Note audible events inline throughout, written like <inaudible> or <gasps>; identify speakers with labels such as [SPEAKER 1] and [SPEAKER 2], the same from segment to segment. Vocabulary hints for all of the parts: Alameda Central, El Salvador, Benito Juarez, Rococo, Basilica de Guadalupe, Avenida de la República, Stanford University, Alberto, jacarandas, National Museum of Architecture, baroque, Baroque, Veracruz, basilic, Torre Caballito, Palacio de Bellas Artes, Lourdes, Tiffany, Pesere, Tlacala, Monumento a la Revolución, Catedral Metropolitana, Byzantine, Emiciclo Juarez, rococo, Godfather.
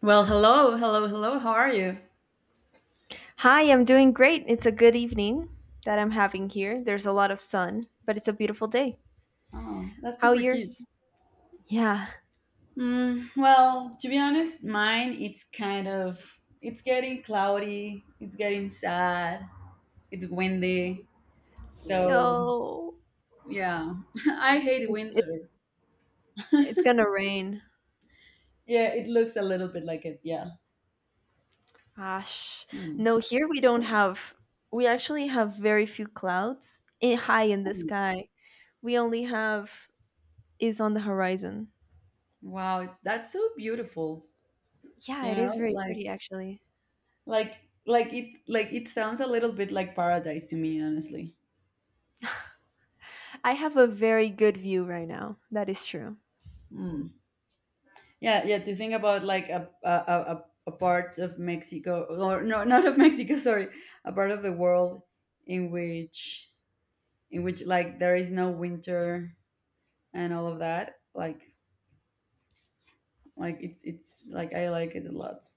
[SPEAKER 1] Well, hello, hello, hello. How are you?
[SPEAKER 2] Hi, I'm doing great. It's a good evening that I'm having here. There's a lot of sun, but it's a beautiful day.
[SPEAKER 1] Oh, that's
[SPEAKER 2] How are
[SPEAKER 1] super cute.
[SPEAKER 2] yours? Yeah.
[SPEAKER 1] Well, to be honest, mine, it's kind of it's getting cloudy, it's getting sad, it's windy. So,
[SPEAKER 2] No.
[SPEAKER 1] yeah. <laughs> I hate
[SPEAKER 2] It, it,
[SPEAKER 1] winter.
[SPEAKER 2] it's gonna rain.
[SPEAKER 1] Yeah, it looks a little bit like it. Yeah.
[SPEAKER 2] Gosh.
[SPEAKER 1] Hmm.
[SPEAKER 2] No, here we don't have, we actually have very few clouds in, high in the
[SPEAKER 1] Hmm.
[SPEAKER 2] sky. We only have is on the horizon.
[SPEAKER 1] Wow, it's that's so beautiful.
[SPEAKER 2] Yeah,
[SPEAKER 1] You
[SPEAKER 2] it is
[SPEAKER 1] know,
[SPEAKER 2] very
[SPEAKER 1] like
[SPEAKER 2] pretty actually.
[SPEAKER 1] like it sounds a little bit like paradise to me, honestly.
[SPEAKER 2] I have a very good view right now. That is true.
[SPEAKER 1] Mm. Yeah, yeah. To think about like a part of Mexico, or no, not of Mexico. <laughs> Sorry, a part of the world in which in which, like, there is no winter and all of that. Like it's like I like it a lot.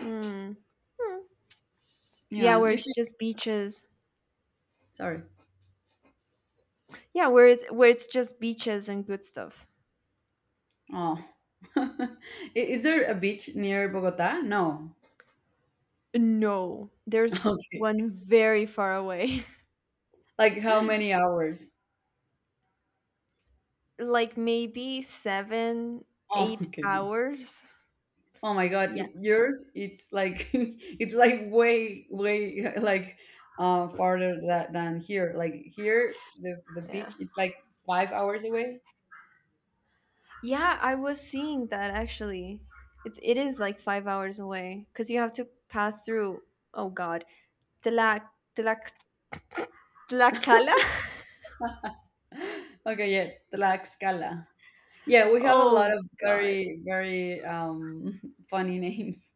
[SPEAKER 2] Hmm. Hmm. Yeah,
[SPEAKER 1] Yeah,
[SPEAKER 2] where
[SPEAKER 1] you
[SPEAKER 2] it's
[SPEAKER 1] should.
[SPEAKER 2] just beaches.
[SPEAKER 1] Sorry.
[SPEAKER 2] Yeah, where it's just beaches and good stuff.
[SPEAKER 1] Oh, <laughs> I- is there a beach near Bogota? No.
[SPEAKER 2] No,
[SPEAKER 1] <laughs>
[SPEAKER 2] there's
[SPEAKER 1] Okay.
[SPEAKER 2] one very far away.
[SPEAKER 1] Like how many hours?
[SPEAKER 2] <laughs> like maybe 7,
[SPEAKER 1] Oh,
[SPEAKER 2] eight
[SPEAKER 1] okay.
[SPEAKER 2] hours.
[SPEAKER 1] Oh my God,
[SPEAKER 2] Yeah.
[SPEAKER 1] yours it's like, <laughs> it's like way, <laughs> like farther than here. Like here the
[SPEAKER 2] Yeah.
[SPEAKER 1] beach it's like 5 hours away. <gasps>
[SPEAKER 2] Yeah, I was seeing that actually. It is like 5 hours away. Because you have to pass through oh god. Tlac Tlac Tlacala? <laughs>
[SPEAKER 1] <laughs> Okay, yeah, Tlaxcala. Yeah, we have a
[SPEAKER 2] Oh
[SPEAKER 1] lot of
[SPEAKER 2] god.
[SPEAKER 1] very very <laughs> funny names.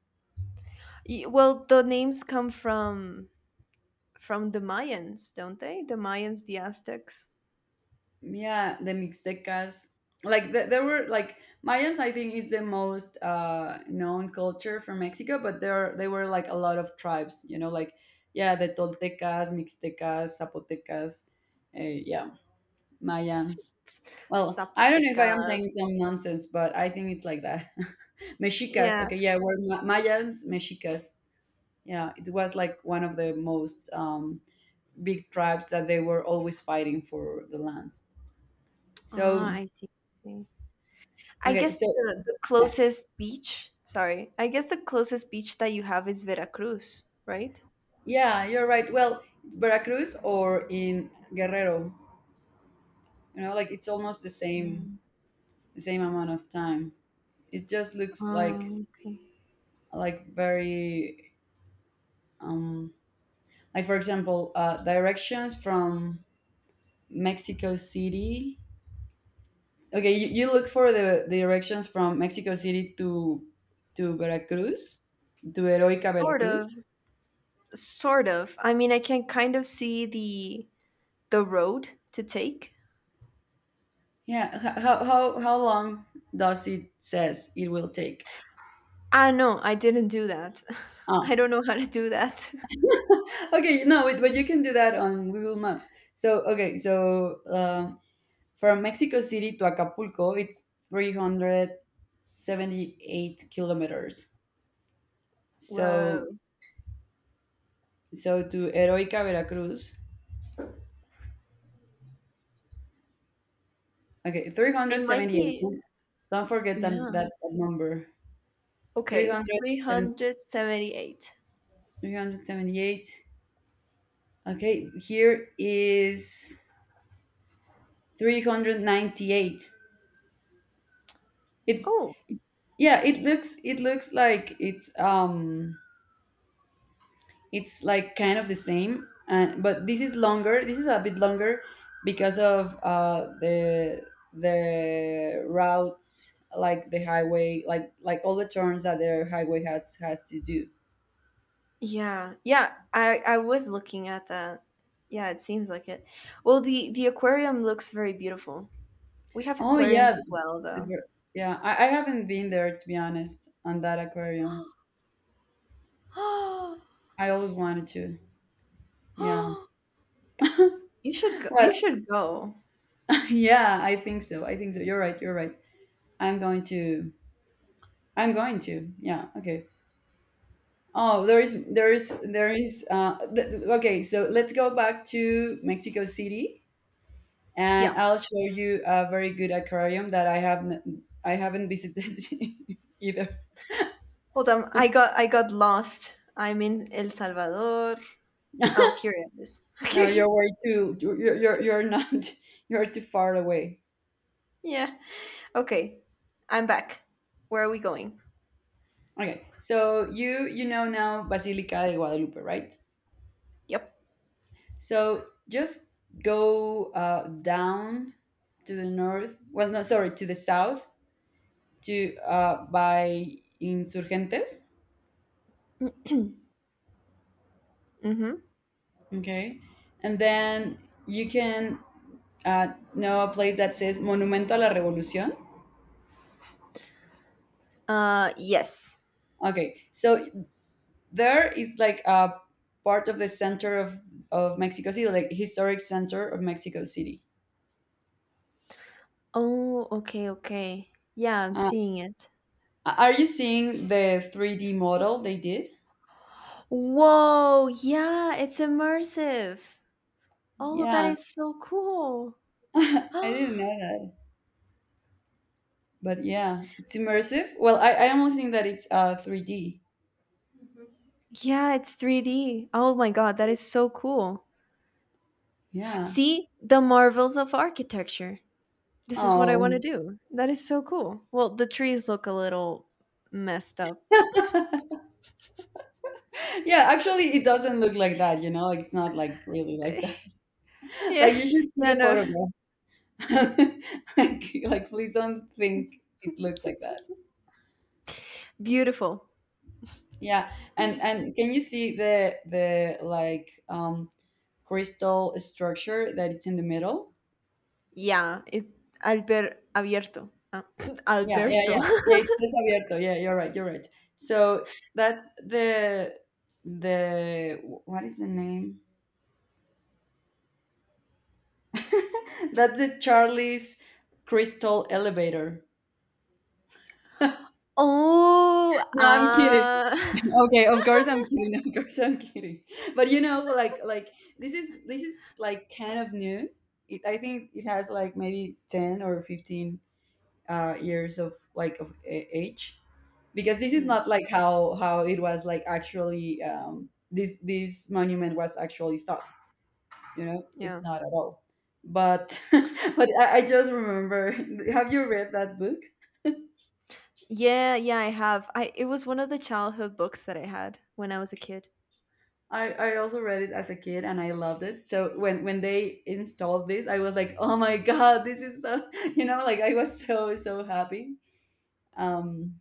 [SPEAKER 2] Well the names come from the Mayans, don't they? The Mayans, the Aztecs.
[SPEAKER 1] Yeah, the Mixtecas, there were like Mayans. I think it's the most known culture from Mexico, but there they were like a lot of tribes, you know, like, yeah, the Toltecas, Mixtecas, Zapotecas, yeah, Mayans. Well, I don't know if I am saying
[SPEAKER 2] Zapotecas.
[SPEAKER 1] some nonsense, but I think it's like that. <laughs> Mexicas.
[SPEAKER 2] Yeah.
[SPEAKER 1] Okay, yeah, we're Mayans, Mexicas. Yeah, it was like one of the most, big tribes that they were always fighting for the land,
[SPEAKER 2] Ah,
[SPEAKER 1] so,
[SPEAKER 2] I see. I see. I
[SPEAKER 1] okay,
[SPEAKER 2] guess
[SPEAKER 1] so,
[SPEAKER 2] the
[SPEAKER 1] yeah,
[SPEAKER 2] closest beach, sorry, I guess the closest beach that you have is Veracruz, right?
[SPEAKER 1] yeah, you're right. Well, Veracruz or in Guerrero, you know, like it's almost the same,
[SPEAKER 2] Mm.
[SPEAKER 1] amount of time. It just looks like,
[SPEAKER 2] Okay.
[SPEAKER 1] very, um, like for example, directions from Mexico City. Okay, you look for the directions from Mexico City to, Veracruz, to Heroica
[SPEAKER 2] Sort of,
[SPEAKER 1] Veracruz.
[SPEAKER 2] sort of. I mean, I can kind of see the road to take.
[SPEAKER 1] Yeah, how long does it says it will take?
[SPEAKER 2] Ah, no, I didn't do that. <laughs> I
[SPEAKER 1] Ah,
[SPEAKER 2] don't know how to do that. <laughs>
[SPEAKER 1] okay, no wait, but you can do that on Google Maps. So, okay, so, from Mexico City to Acapulco it's 378 kilometers, so,
[SPEAKER 2] Well,
[SPEAKER 1] to Heroica Veracruz. Okay,
[SPEAKER 2] it might
[SPEAKER 1] 378.
[SPEAKER 2] be,
[SPEAKER 1] Don't forget that, that
[SPEAKER 2] yeah.
[SPEAKER 1] that number, three
[SPEAKER 2] Okay,
[SPEAKER 1] hundred seventy-three
[SPEAKER 2] 378.
[SPEAKER 1] hundred seventy-eight. Okay, here is 398. It's,
[SPEAKER 2] Oh,
[SPEAKER 1] yeah, it looks like it's, um, it's like kind of the same, and, but this is longer. This is a bit longer because of, the, routes, like the highway, like all the turns that the highway has to do.
[SPEAKER 2] yeah. Yeah, I was looking at that. Yeah, it seems like it. Well, the aquarium looks very beautiful. We have
[SPEAKER 1] Oh
[SPEAKER 2] aquariums
[SPEAKER 1] yeah,
[SPEAKER 2] as well, though.
[SPEAKER 1] the- yeah, I haven't been there, to be honest, on that aquarium.
[SPEAKER 2] <gasps>
[SPEAKER 1] I always wanted to. Yeah.
[SPEAKER 2] You should go.
[SPEAKER 1] Well,
[SPEAKER 2] You should go.
[SPEAKER 1] <laughs> yeah, I think so, I think so. You're right, you're right. I'm going to, yeah, okay. Oh, there is, there is, there is. Okay, so let's go back to Mexico City, and
[SPEAKER 2] Yeah.
[SPEAKER 1] I'll show you a very good aquarium that I haven't visited, <laughs> either.
[SPEAKER 2] Hold on. I got lost. I'm in El Salvador.
[SPEAKER 1] <laughs>
[SPEAKER 2] Oh, here it is. <laughs>
[SPEAKER 1] No,
[SPEAKER 2] Okay.
[SPEAKER 1] you're way too, you're not, <laughs> you're too far away.
[SPEAKER 2] Yeah. Okay. I'm back. Where are we going?
[SPEAKER 1] Okay, so you know now Basilica de Guadalupe, right?
[SPEAKER 2] Yep.
[SPEAKER 1] So just go, down to the north. Well, no, sorry, to the south, to, by Insurgentes.
[SPEAKER 2] Mm-hmm.
[SPEAKER 1] Okay. And then you can, uh, know a place that says Monumento a la Revolución.
[SPEAKER 2] Yes.
[SPEAKER 1] Okay. So there is like a part of the center of Mexico City, like historic center of Mexico City.
[SPEAKER 2] Oh, okay, okay. Yeah, I'm
[SPEAKER 1] Uh,
[SPEAKER 2] seeing it.
[SPEAKER 1] are you seeing the 3D model they did?
[SPEAKER 2] Whoa, yeah, it's immersive. Oh, that
[SPEAKER 1] Yeah.
[SPEAKER 2] is so cool.
[SPEAKER 1] <laughs> I
[SPEAKER 2] <gasps>
[SPEAKER 1] didn't know that. But yeah, it's immersive. Well, I am seeing that it's 3D.
[SPEAKER 2] Yeah, it's 3D. Oh my God, that is so cool.
[SPEAKER 1] Yeah.
[SPEAKER 2] See, the marvels of architecture. This is what I want to
[SPEAKER 1] Oh. <laughs>
[SPEAKER 2] do. That is so cool. Well, the trees look a little messed up.
[SPEAKER 1] Yeah, actually it doesn't look like that, you know, like it's not like really like
[SPEAKER 2] <laughs> Yeah,
[SPEAKER 1] Like you should see
[SPEAKER 2] yeah,
[SPEAKER 1] the
[SPEAKER 2] no.
[SPEAKER 1] photograph. <laughs> Like, please don't think it looks like that.
[SPEAKER 2] Beautiful.
[SPEAKER 1] Yeah, and can you see the like, crystal structure that it's in the middle?
[SPEAKER 2] Yeah, it Alber Abierto. Ah, <clears throat>
[SPEAKER 1] Yeah, yeah, yeah,
[SPEAKER 2] Alberto.
[SPEAKER 1] yeah. It says abierto. Yeah, you're right. You're right. So that's the, what is the name? <laughs> That's the Charlie's crystal elevator.
[SPEAKER 2] <laughs> Oh,
[SPEAKER 1] No, I'm kidding.
[SPEAKER 2] ah.
[SPEAKER 1] <laughs> Okay, of course I'm kidding. <laughs> Of course I'm kidding. But, you know, like this is like kind of new. It, I think it has like maybe 10 or 15, years of like of age, because this
[SPEAKER 2] <laughs>
[SPEAKER 1] is
[SPEAKER 2] Mm,
[SPEAKER 1] not like how it was like actually, this monument was actually thought. You know, it's
[SPEAKER 2] yeah.
[SPEAKER 1] not at all. But <laughs> but I just remember. <laughs> Have you read that book?
[SPEAKER 2] Yeah, yeah, I have. I it was one of the childhood books that I had when I was a kid.
[SPEAKER 1] I also read it as a kid and I loved it. So when they installed this, I was like, oh my god, this is so, <laughs> you know, like I was so so happy. Um,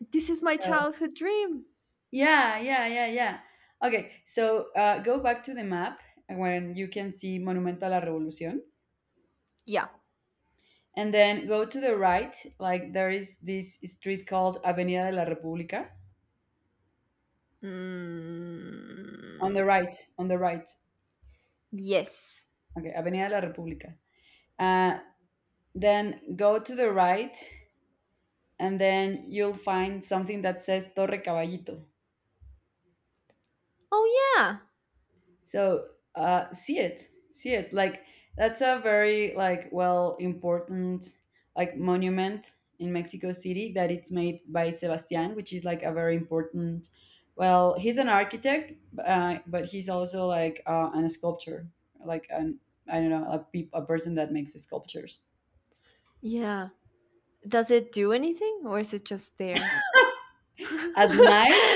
[SPEAKER 2] This is my
[SPEAKER 1] so,
[SPEAKER 2] childhood dream.
[SPEAKER 1] yeah, yeah, yeah, yeah. Okay, so, go back to the map when you can see Monumento a la Revolución,
[SPEAKER 2] Yeah.
[SPEAKER 1] and then go to the right. Like there is this street called Avenida de la República. On
[SPEAKER 2] Mm,
[SPEAKER 1] the right, on the right.
[SPEAKER 2] yes.
[SPEAKER 1] Okay, Avenida de la República. Uh, then go to the right and then you'll find something that says Torre Caballito.
[SPEAKER 2] Oh yeah.
[SPEAKER 1] So, see it, see it. Like that's a very, like, well important, like, monument in Mexico City that it's made by Sebastian, which is like a very important. Well, he's an architect, but he's also like, an sculptor, like an, I don't know, a, pe a person that makes sculptures.
[SPEAKER 2] Yeah. Does it do anything or is it just there? <laughs>
[SPEAKER 1] At night,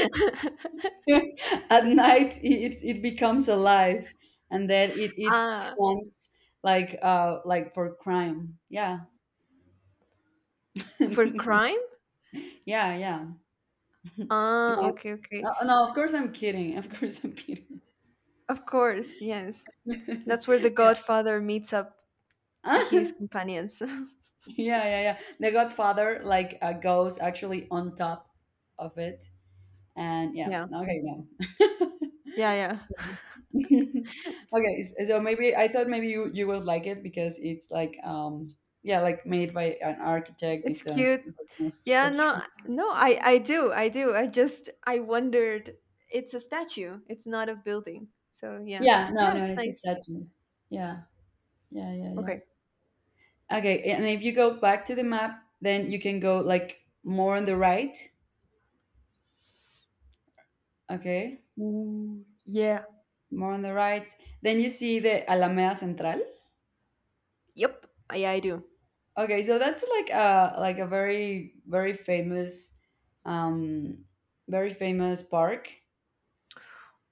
[SPEAKER 1] <laughs> at night, it becomes alive, and then it
[SPEAKER 2] uh,
[SPEAKER 1] counts like, like, for crime. Yeah,
[SPEAKER 2] for crime?
[SPEAKER 1] <laughs> yeah, yeah.
[SPEAKER 2] Ah,
[SPEAKER 1] No,
[SPEAKER 2] okay,
[SPEAKER 1] no,
[SPEAKER 2] okay.
[SPEAKER 1] no, of course I'm kidding. Of course I'm kidding.
[SPEAKER 2] Of course, yes. That's where the
[SPEAKER 1] <laughs> Yeah.
[SPEAKER 2] Godfather meets up his
[SPEAKER 1] <laughs>
[SPEAKER 2] companions. <laughs>
[SPEAKER 1] Yeah, yeah, yeah. The Godfather like, goes actually on top of it. And yeah,
[SPEAKER 2] yeah.
[SPEAKER 1] okay, no.
[SPEAKER 2] Yeah, yeah.
[SPEAKER 1] <laughs> Okay, so maybe I thought maybe you would like it because it's like, yeah, like made by an architect.
[SPEAKER 2] It's cute.
[SPEAKER 1] It's a
[SPEAKER 2] Yeah,
[SPEAKER 1] structure.
[SPEAKER 2] no, no, I do, I do. I just, I wondered. It's a statue. It's not a building. So yeah,
[SPEAKER 1] Yeah, no,
[SPEAKER 2] yeah,
[SPEAKER 1] no,
[SPEAKER 2] it's
[SPEAKER 1] it's a
[SPEAKER 2] nice.
[SPEAKER 1] statue. Yeah, yeah, yeah, yeah.
[SPEAKER 2] Okay.
[SPEAKER 1] Okay, and if you go back to the map, then you can go like more on the right. Okay,
[SPEAKER 2] Ooh, yeah.
[SPEAKER 1] more on the right. Then you see the Alameda Central.
[SPEAKER 2] Yep. Yeah, I do.
[SPEAKER 1] Okay, so that's like a, very um, very famous park.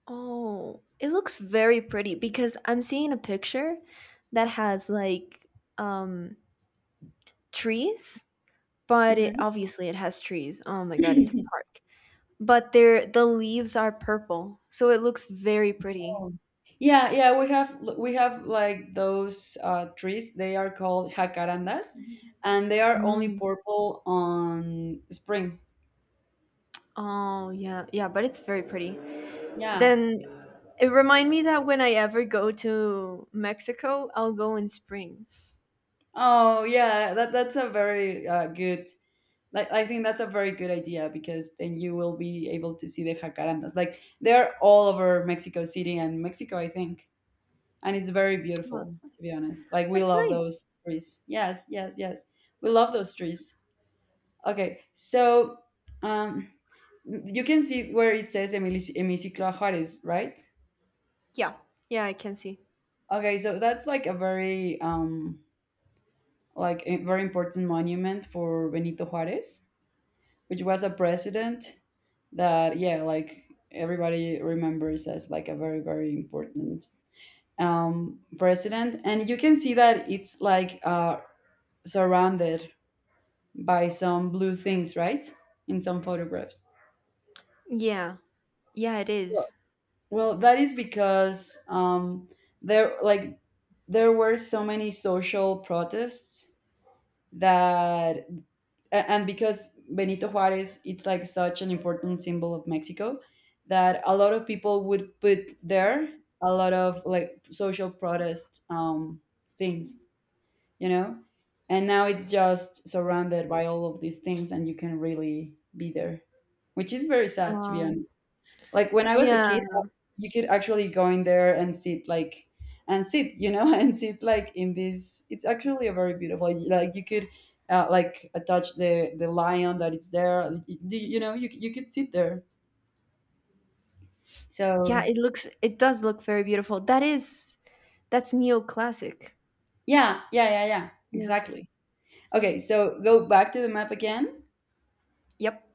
[SPEAKER 2] Oh, it looks very pretty because I'm seeing a picture that has like um trees, but it
[SPEAKER 1] Mhm.
[SPEAKER 2] obviously it has trees. Oh my God, it's a
[SPEAKER 1] <laughs>
[SPEAKER 2] park. But the leaves are purple, so it looks very pretty.
[SPEAKER 1] Oh. <clears throat> Yeah, yeah, we have like those, trees. They are called jacarandas, and they are only
[SPEAKER 2] Mm.
[SPEAKER 1] purple on spring.
[SPEAKER 2] Oh yeah, yeah, but it's very pretty.
[SPEAKER 1] Yeah.
[SPEAKER 2] Then it remind me that when I ever go to Mexico, I'll go in spring.
[SPEAKER 1] Oh, yeah. That's a very, good. Like I think that's a very good idea because then you will be able to see the jacarandas. Like they're all over Mexico City and Mexico, I think. And it's very
[SPEAKER 2] Oh,
[SPEAKER 1] beautiful,
[SPEAKER 2] that's,
[SPEAKER 1] to be honest. Like we
[SPEAKER 2] that's
[SPEAKER 1] love
[SPEAKER 2] nice.
[SPEAKER 1] those trees, yes, yes, yes. We love those trees. Okay, so, um you can see where it says Emiciclo Juarez, right?
[SPEAKER 2] Yeah. Yeah, I can see.
[SPEAKER 1] Okay, so that's like a very, like a very important monument for Benito Juarez, which was a president that, yeah, like everybody remembers as like a very very important, president. And you can see that it's like, surrounded by some blue things, right? In some photographs.
[SPEAKER 2] Yeah. Yeah, it
[SPEAKER 1] Well,
[SPEAKER 2] is.
[SPEAKER 1] well, that is because, there, like, there were so many social protests that, and because Benito Juarez, it's like such an important symbol of Mexico, that a lot of people would put there a lot of like social protest, things, you know and now it's just surrounded by all of these things and you can really be there, which is very sad, to be
[SPEAKER 2] Um
[SPEAKER 1] honest. Like when I was a kid,
[SPEAKER 2] yeah.
[SPEAKER 1] you could actually go in there and sit, like, and sit, you know, <laughs> and sit, like, in this, it's actually a very beautiful, like, you could, like, attach the lion that is there, you know you could sit there,
[SPEAKER 2] Yeah,
[SPEAKER 1] so,
[SPEAKER 2] it does look very beautiful. That's neoclassic.
[SPEAKER 1] yeah, yeah, yeah, yeah,
[SPEAKER 2] Yeah.
[SPEAKER 1] exactly. Okay, so go back to the map again.
[SPEAKER 2] Yep.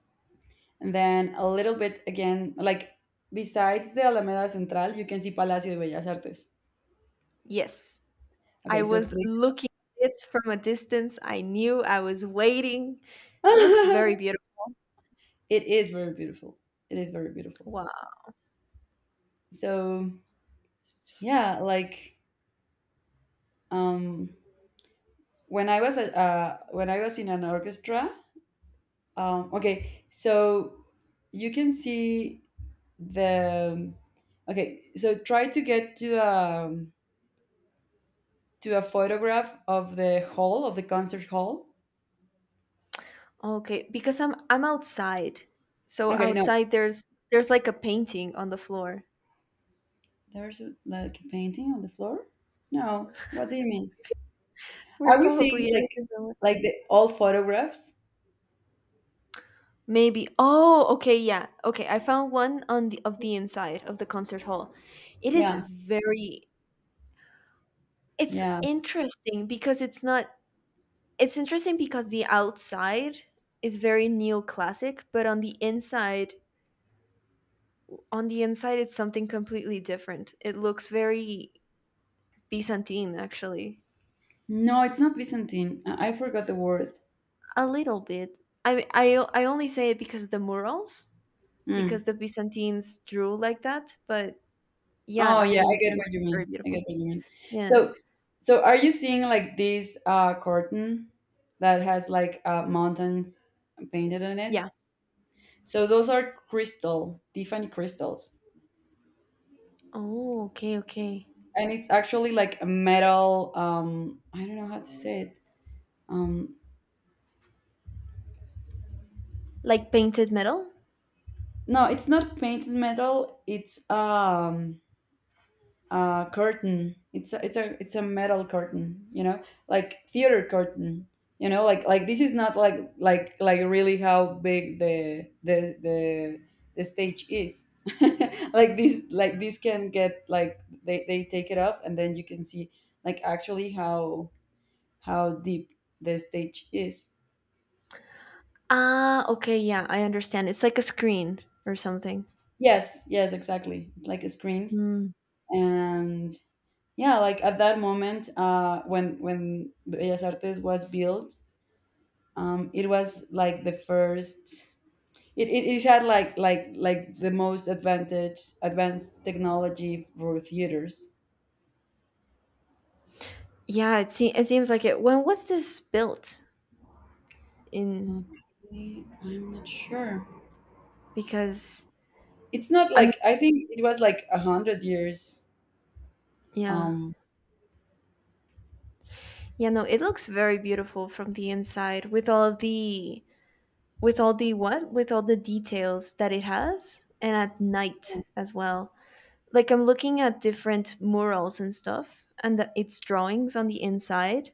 [SPEAKER 1] And then a little bit again, like besides the Alameda Central, you can see Palacio de Bellas Artes.
[SPEAKER 2] Yes.
[SPEAKER 1] Okay,
[SPEAKER 2] I
[SPEAKER 1] so
[SPEAKER 2] was
[SPEAKER 1] click.
[SPEAKER 2] looking at it from a distance. I knew I was waiting. It looks
[SPEAKER 1] <laughs>
[SPEAKER 2] very beautiful.
[SPEAKER 1] It is very beautiful. It is very beautiful.
[SPEAKER 2] Wow.
[SPEAKER 1] So yeah, like, um, when I was in an orchestra. Okay, so you can see the. Okay, so try to get to, to a photograph of the hall of the concert hall.
[SPEAKER 2] Okay, because I'm outside. So
[SPEAKER 1] Okay, no,
[SPEAKER 2] outside there's like a painting on the floor.
[SPEAKER 1] there's a, like a painting on the floor? No. What do you mean?
[SPEAKER 2] We're
[SPEAKER 1] Are we
[SPEAKER 2] probably
[SPEAKER 1] seeing
[SPEAKER 2] in a
[SPEAKER 1] like,
[SPEAKER 2] different one.
[SPEAKER 1] the old photographs?
[SPEAKER 2] Maybe. Oh, okay, yeah. Okay, I found one on the of the inside of the concert hall. It is
[SPEAKER 1] Yeah.
[SPEAKER 2] very it's
[SPEAKER 1] Yeah.
[SPEAKER 2] interesting because it's not it's interesting because the outside is very neoclassic, but on the inside it's something completely different. It looks very Byzantine actually.
[SPEAKER 1] No, it's not Byzantine. I forgot the word.
[SPEAKER 2] A little bit. I only say it because of the murals,
[SPEAKER 1] Mm.
[SPEAKER 2] because the Byzantines drew like that. But yeah,
[SPEAKER 1] Oh
[SPEAKER 2] I
[SPEAKER 1] yeah, I
[SPEAKER 2] mean,
[SPEAKER 1] get what you
[SPEAKER 2] it's very
[SPEAKER 1] mean. I get
[SPEAKER 2] beautiful.
[SPEAKER 1] what you mean.
[SPEAKER 2] Yeah,
[SPEAKER 1] So, are you seeing like this, curtain that has like, mountains painted on it?
[SPEAKER 2] yeah.
[SPEAKER 1] So those are crystal, Tiffany crystals.
[SPEAKER 2] Oh, okay, okay.
[SPEAKER 1] And it's actually like a metal, I don't know how to say it. Um
[SPEAKER 2] Like painted metal.
[SPEAKER 1] No, it's not painted metal. It's, a curtain. It's a metal curtain. You know, like theater curtain. You know, like this is not like really how big the stage is. <laughs> Like this can get, like, they take it off, and then you can see like actually how deep the stage is.
[SPEAKER 2] Ah, okay. Yeah, I understand. It's like a screen or something.
[SPEAKER 1] Yes, yes, exactly. Like a screen.
[SPEAKER 2] Mm.
[SPEAKER 1] And yeah, like at that moment when Bellas Artes was built, it was like the first. It had like the most advantage advanced technology for theaters.
[SPEAKER 2] Yeah, it seems like it. When was this built in?
[SPEAKER 1] Okay, I'm not sure.
[SPEAKER 2] Because
[SPEAKER 1] It's not
[SPEAKER 2] I mean,
[SPEAKER 1] like, I think it was like 100 years.
[SPEAKER 2] yeah,
[SPEAKER 1] um
[SPEAKER 2] yeah, no, it looks very beautiful from the inside with all the details that it has, and at night as well. Like, I'm looking at different murals and stuff, and its drawings on the inside.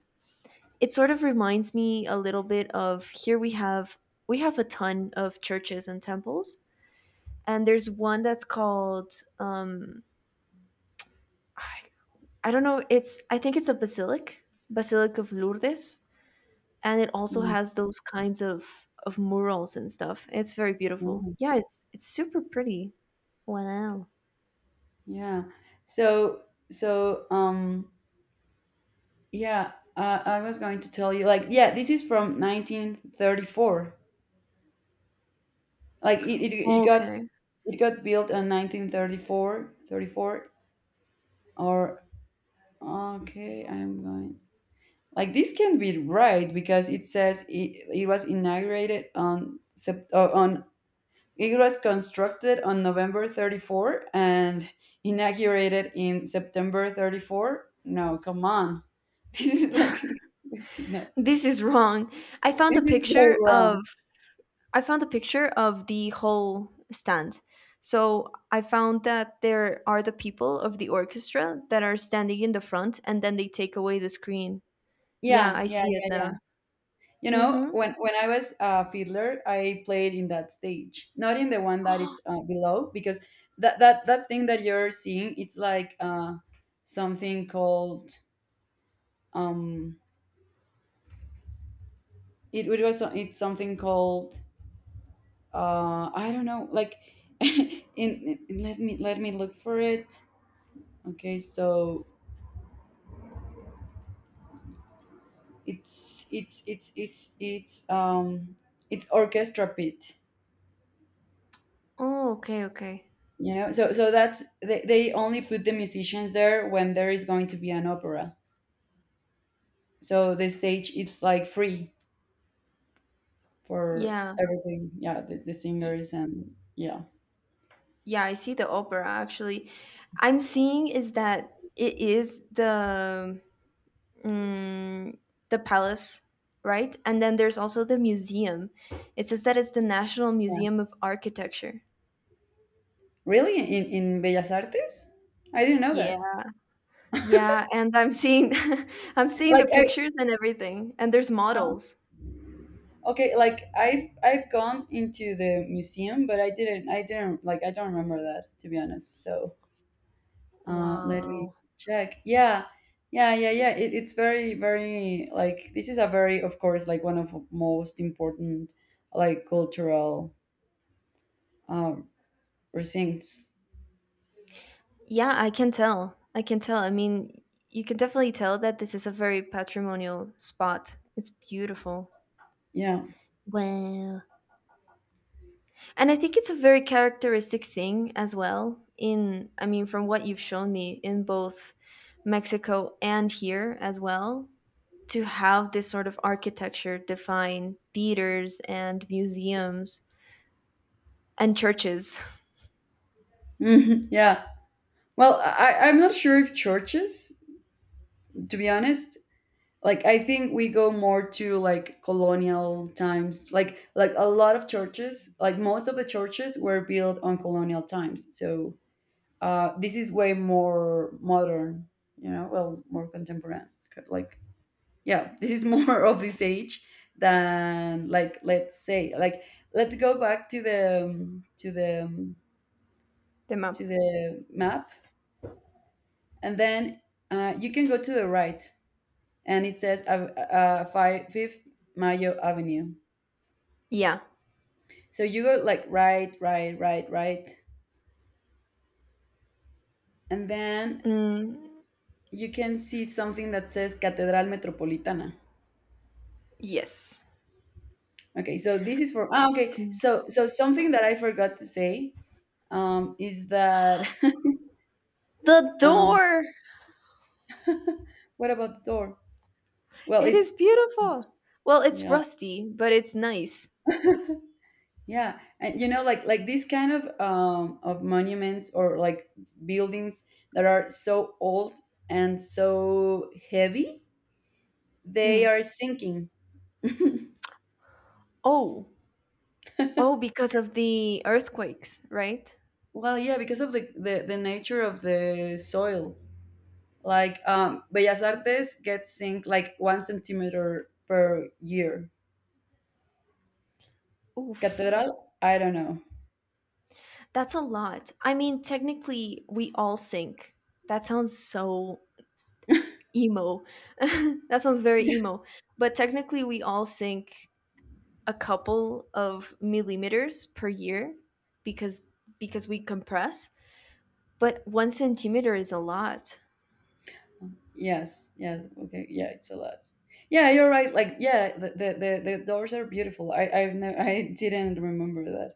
[SPEAKER 2] It sort of reminds me a little bit of here we have a ton of churches and temples, and there's one that's called, um i, I don't know. It's I think it's a basilic of Lourdes, and it also
[SPEAKER 1] mm,
[SPEAKER 2] has those kinds of murals and stuff. It's very beautiful.
[SPEAKER 1] no.
[SPEAKER 2] Yeah, it's super pretty. Wow.
[SPEAKER 1] Yeah, so so yeah, I was going to tell you, like, yeah, this is from 1934. Like it,
[SPEAKER 2] Okay.
[SPEAKER 1] it got built in 1934 or — okay, I'm going. Like, this can be right, because it says it was inaugurated on on — it was constructed on November 34 and inaugurated in September 34. No, come on. <laughs> This is like — <laughs> no.
[SPEAKER 2] This is wrong. I found a
[SPEAKER 1] This is so
[SPEAKER 2] picture of
[SPEAKER 1] wrong.
[SPEAKER 2] I found a picture of the whole stand. So I found that there are the people of the orchestra that are standing in the front and then they take away the screen. Yeah,
[SPEAKER 1] Yeah,
[SPEAKER 2] I
[SPEAKER 1] yeah,
[SPEAKER 2] see it
[SPEAKER 1] yeah, yeah.
[SPEAKER 2] now.
[SPEAKER 1] You know,
[SPEAKER 2] Mhm.
[SPEAKER 1] when I was a fiddler, I played in that stage, not in the one that it's
[SPEAKER 2] <gasps>
[SPEAKER 1] below, because that thing that you're seeing, it's like, something called, um, it's something called, I don't know, like, <laughs> in let me look for it. Okay, so it's it's orchestra pit,
[SPEAKER 2] Oh, okay, okay.
[SPEAKER 1] you know. So that's — they only put the musicians there when there is going to be an opera, so the stage it's like free for
[SPEAKER 2] Yeah.
[SPEAKER 1] everything. Yeah, the singers, and yeah.
[SPEAKER 2] Yeah, I see the opera actually. I'm seeing is that it is the mm, the palace, right? And then there's also the museum. It says that it's the National Museum of Architecture.
[SPEAKER 1] Really, in Bellas Artes? I didn't know that.
[SPEAKER 2] Yeah. Yeah, and I'm seeing <laughs> I'm seeing
[SPEAKER 1] like
[SPEAKER 2] the
[SPEAKER 1] I,
[SPEAKER 2] pictures and everything. And there's models.
[SPEAKER 1] okay, like I've gone into the museum, but I didn't like, I don't remember that, to be honest. So let me
[SPEAKER 2] Wow.
[SPEAKER 1] check. Yeah, yeah, yeah, yeah. It's very, very — like, this is a very, of course, like one of most important, like, cultural uh, precincts.
[SPEAKER 2] Yeah, I can tell. I can tell. I mean, you can definitely tell that this is a very patrimonial spot. It's beautiful.
[SPEAKER 1] Yeah,
[SPEAKER 2] Wow. And I think it's a very characteristic thing as well in I mean from what you've shown me in both Mexico and here as well to have this sort of architecture define theaters and museums and churches. <laughs>
[SPEAKER 1] mhm, yeah. Well, I'm not sure if churches, to be honest. Like, I think we go more to, like, colonial times. Like a lot of churches, like most of the churches were built on colonial times. So this is way more modern, you know, well, more contemporary. Like, yeah, <laughs> this is more <laughs> of this age than, like, let's say, like, let's go back to the um, to the um,
[SPEAKER 2] The
[SPEAKER 1] to
[SPEAKER 2] map.
[SPEAKER 1] the map. And then you can go to the right, and it says fifth Mayo avenue.
[SPEAKER 2] Yeah.
[SPEAKER 1] So you go, like, right, right, right, right, and then
[SPEAKER 2] Mm,
[SPEAKER 1] you can see something that says Catedral Metropolitana.
[SPEAKER 2] yes.
[SPEAKER 1] Okay, so this is for — ah, okay. So something that I forgot to say, is that <laughs>
[SPEAKER 2] The
[SPEAKER 1] um,
[SPEAKER 2] door.
[SPEAKER 1] what about the door? Well,
[SPEAKER 2] It is
[SPEAKER 1] it's —
[SPEAKER 2] beautiful. Well, it's
[SPEAKER 1] yeah,
[SPEAKER 2] rusty, but it's nice.
[SPEAKER 1] yeah, and you know, like these kind of, of monuments, or like buildings that are so old and so heavy, they
[SPEAKER 2] Mm.
[SPEAKER 1] are sinking. <laughs>
[SPEAKER 2] Oh. Oh, because of the earthquakes, right?
[SPEAKER 1] Well, yeah, because of the nature of the soil. Like, Bellas Artes gets sink like 1 centimeter per year.
[SPEAKER 2] Oof.
[SPEAKER 1] Cathedral? I don't know.
[SPEAKER 2] That's a lot. I mean, technically, we all sink. That sounds so emo. <laughs> that sounds very
[SPEAKER 1] Yeah.
[SPEAKER 2] emo. But technically, we all sink a couple of millimeters per year because because we compress. But 1 centimeter is a lot.
[SPEAKER 1] Yes. Yes. Okay. Yeah, it's a lot. Yeah, you're right. Like, yeah, the doors are beautiful. I've never — <laughs> I didn't remember that.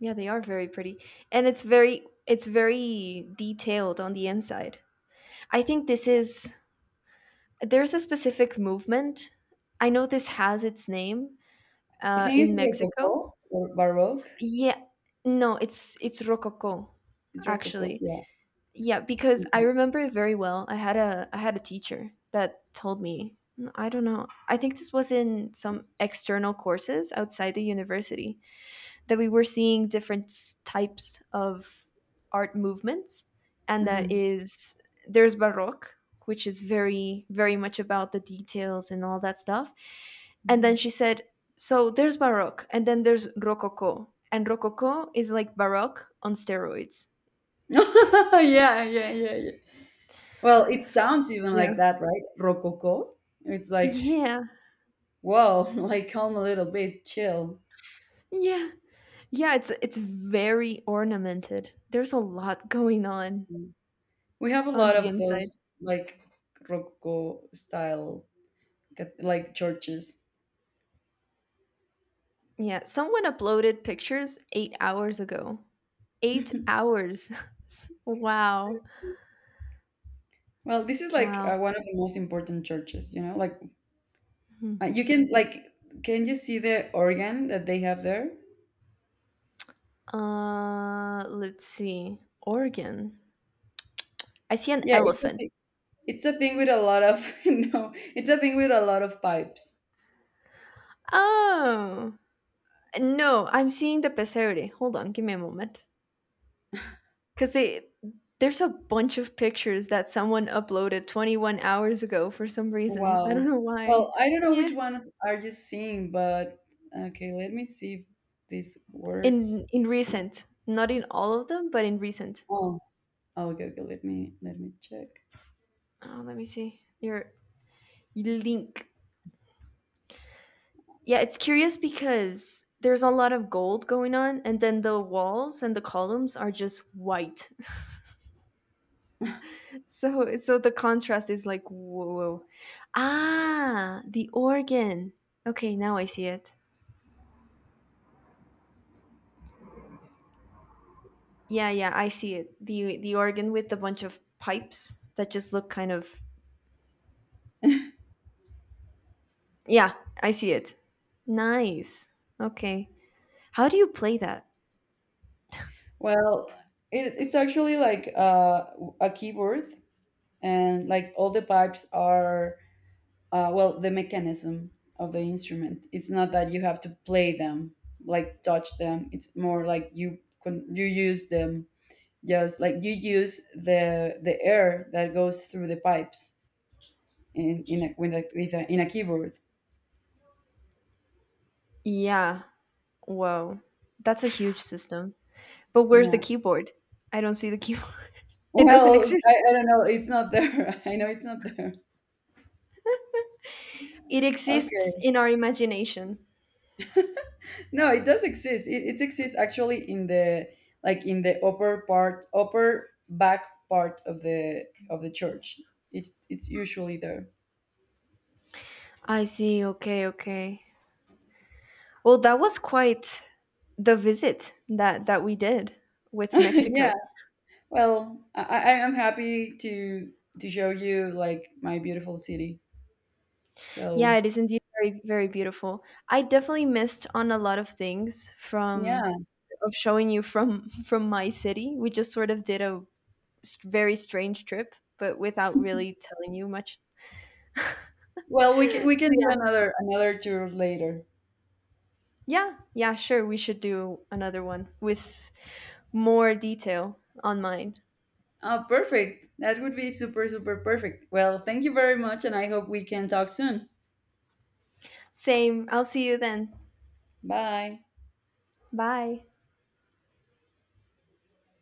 [SPEAKER 2] Yeah, they are very pretty, and it's very detailed on the inside. I think this is there's a specific movement. I know this has its name
[SPEAKER 1] I think
[SPEAKER 2] in
[SPEAKER 1] it's
[SPEAKER 2] Mexico.
[SPEAKER 1] Rococo or Baroque.
[SPEAKER 2] Yeah. No, it's rococo,
[SPEAKER 1] It's Rococo.
[SPEAKER 2] actually.
[SPEAKER 1] Yeah.
[SPEAKER 2] Yeah, because I
[SPEAKER 1] Okay.
[SPEAKER 2] remember it very well. I had a teacher that told me, I don't know. I think this was in some external courses outside the university that we were seeing different types of art movements, and that
[SPEAKER 1] hmm
[SPEAKER 2] is there's baroque, which is very very much about the details and all that stuff. And then
[SPEAKER 1] <laughs>
[SPEAKER 2] she said, so there's baroque and then there's rococo, and rococo is like baroque on steroids.
[SPEAKER 1] yeah. Yeah. Yeah. Yeah. Well, it sounds even like
[SPEAKER 2] Yeah.
[SPEAKER 1] that, right? Rococo. It's like,
[SPEAKER 2] yeah,
[SPEAKER 1] whoa, <laughs> like, calm a little bit, chill.
[SPEAKER 2] yeah, yeah, it's very ornamented, there's a lot going
[SPEAKER 1] We have a
[SPEAKER 2] on
[SPEAKER 1] lot
[SPEAKER 2] the
[SPEAKER 1] of
[SPEAKER 2] inside.
[SPEAKER 1] those, like, Rococo style, like churches.
[SPEAKER 2] Yeah, someone uploaded pictures 8 hours ago. 8 hours. <laughs> Wow.
[SPEAKER 1] Well, this is like,
[SPEAKER 2] Wow.
[SPEAKER 1] one of the most important churches, you know? Like,
[SPEAKER 2] Mhm.
[SPEAKER 1] you can like — can you see the organ that they have there?
[SPEAKER 2] Let's see. Oregon. I see an
[SPEAKER 1] Yeah,
[SPEAKER 2] elephant.
[SPEAKER 1] it's a thing with a lot of — <laughs> no, it's a thing with a lot of pipes.
[SPEAKER 2] Oh. No, I'm seeing the Pesere. Hold on, give me a moment. Cuz they there's a bunch of pictures that someone uploaded 21 hours ago for some reason. I don't
[SPEAKER 1] Wow.
[SPEAKER 2] know
[SPEAKER 1] Well,
[SPEAKER 2] why.
[SPEAKER 1] I don't know
[SPEAKER 2] Yeah.
[SPEAKER 1] which ones are you seeing, but okay, let me see if this works.
[SPEAKER 2] In recent. Not in all of them, but in recent.
[SPEAKER 1] Oh, oh, okay, okay, let me check.
[SPEAKER 2] Oh, let me see. Your link. Yeah, it's curious because there's a lot of gold going on, and then the walls and the columns are just white. <laughs> so the contrast is like whoa. Whoa. Ah, the organ. Okay, now I see it. Yeah, yeah, I see it. The organ with a bunch of pipes that just look kind of. Yeah, I see it. Nice. Okay. How do you play that?
[SPEAKER 1] Well, it's actually like, a keyboard, and like all the pipes are — well, the mechanism of the instrument, it's not that you have to play them, like, touch them. It's more like you — you use them, just like you use the air that goes through the pipes in a, with a, with a, in a keyboard.
[SPEAKER 2] Yeah. Whoa. That's a huge system. But where's the
[SPEAKER 1] Yeah,
[SPEAKER 2] keyboard? I don't see the keyboard. <laughs> It doesn't
[SPEAKER 1] well, I,
[SPEAKER 2] exist.
[SPEAKER 1] I don't know, it's not there. <laughs> I know it's not there.
[SPEAKER 2] It exists
[SPEAKER 1] Okay,
[SPEAKER 2] in our imagination.
[SPEAKER 1] no, it does exist. It exists actually in the — like, in the upper part, upper back part of the church. It's usually there.
[SPEAKER 2] I see. Okay, okay. Well, that was quite the visit that we did
[SPEAKER 1] <laughs>
[SPEAKER 2] with
[SPEAKER 1] Yeah.
[SPEAKER 2] Mexico.
[SPEAKER 1] Well, I am happy to show you, like, my beautiful city.
[SPEAKER 2] Yeah,
[SPEAKER 1] So
[SPEAKER 2] it is indeed very very beautiful. I definitely missed on a lot of things from
[SPEAKER 1] yeah.
[SPEAKER 2] of showing you from <laughs> from my city. We just sort of did a very strange trip, but without really telling you much.
[SPEAKER 1] Well, we can
[SPEAKER 2] So
[SPEAKER 1] we can do
[SPEAKER 2] yeah.
[SPEAKER 1] another tour later.
[SPEAKER 2] Yeah, yeah, sure. We should do another one with more detail on mine.
[SPEAKER 1] Oh, perfect. That would be super super perfect. Well, thank you very much, and I hope we can talk soon.
[SPEAKER 2] Same. I'll see you then.
[SPEAKER 1] Bye.
[SPEAKER 2] Bye.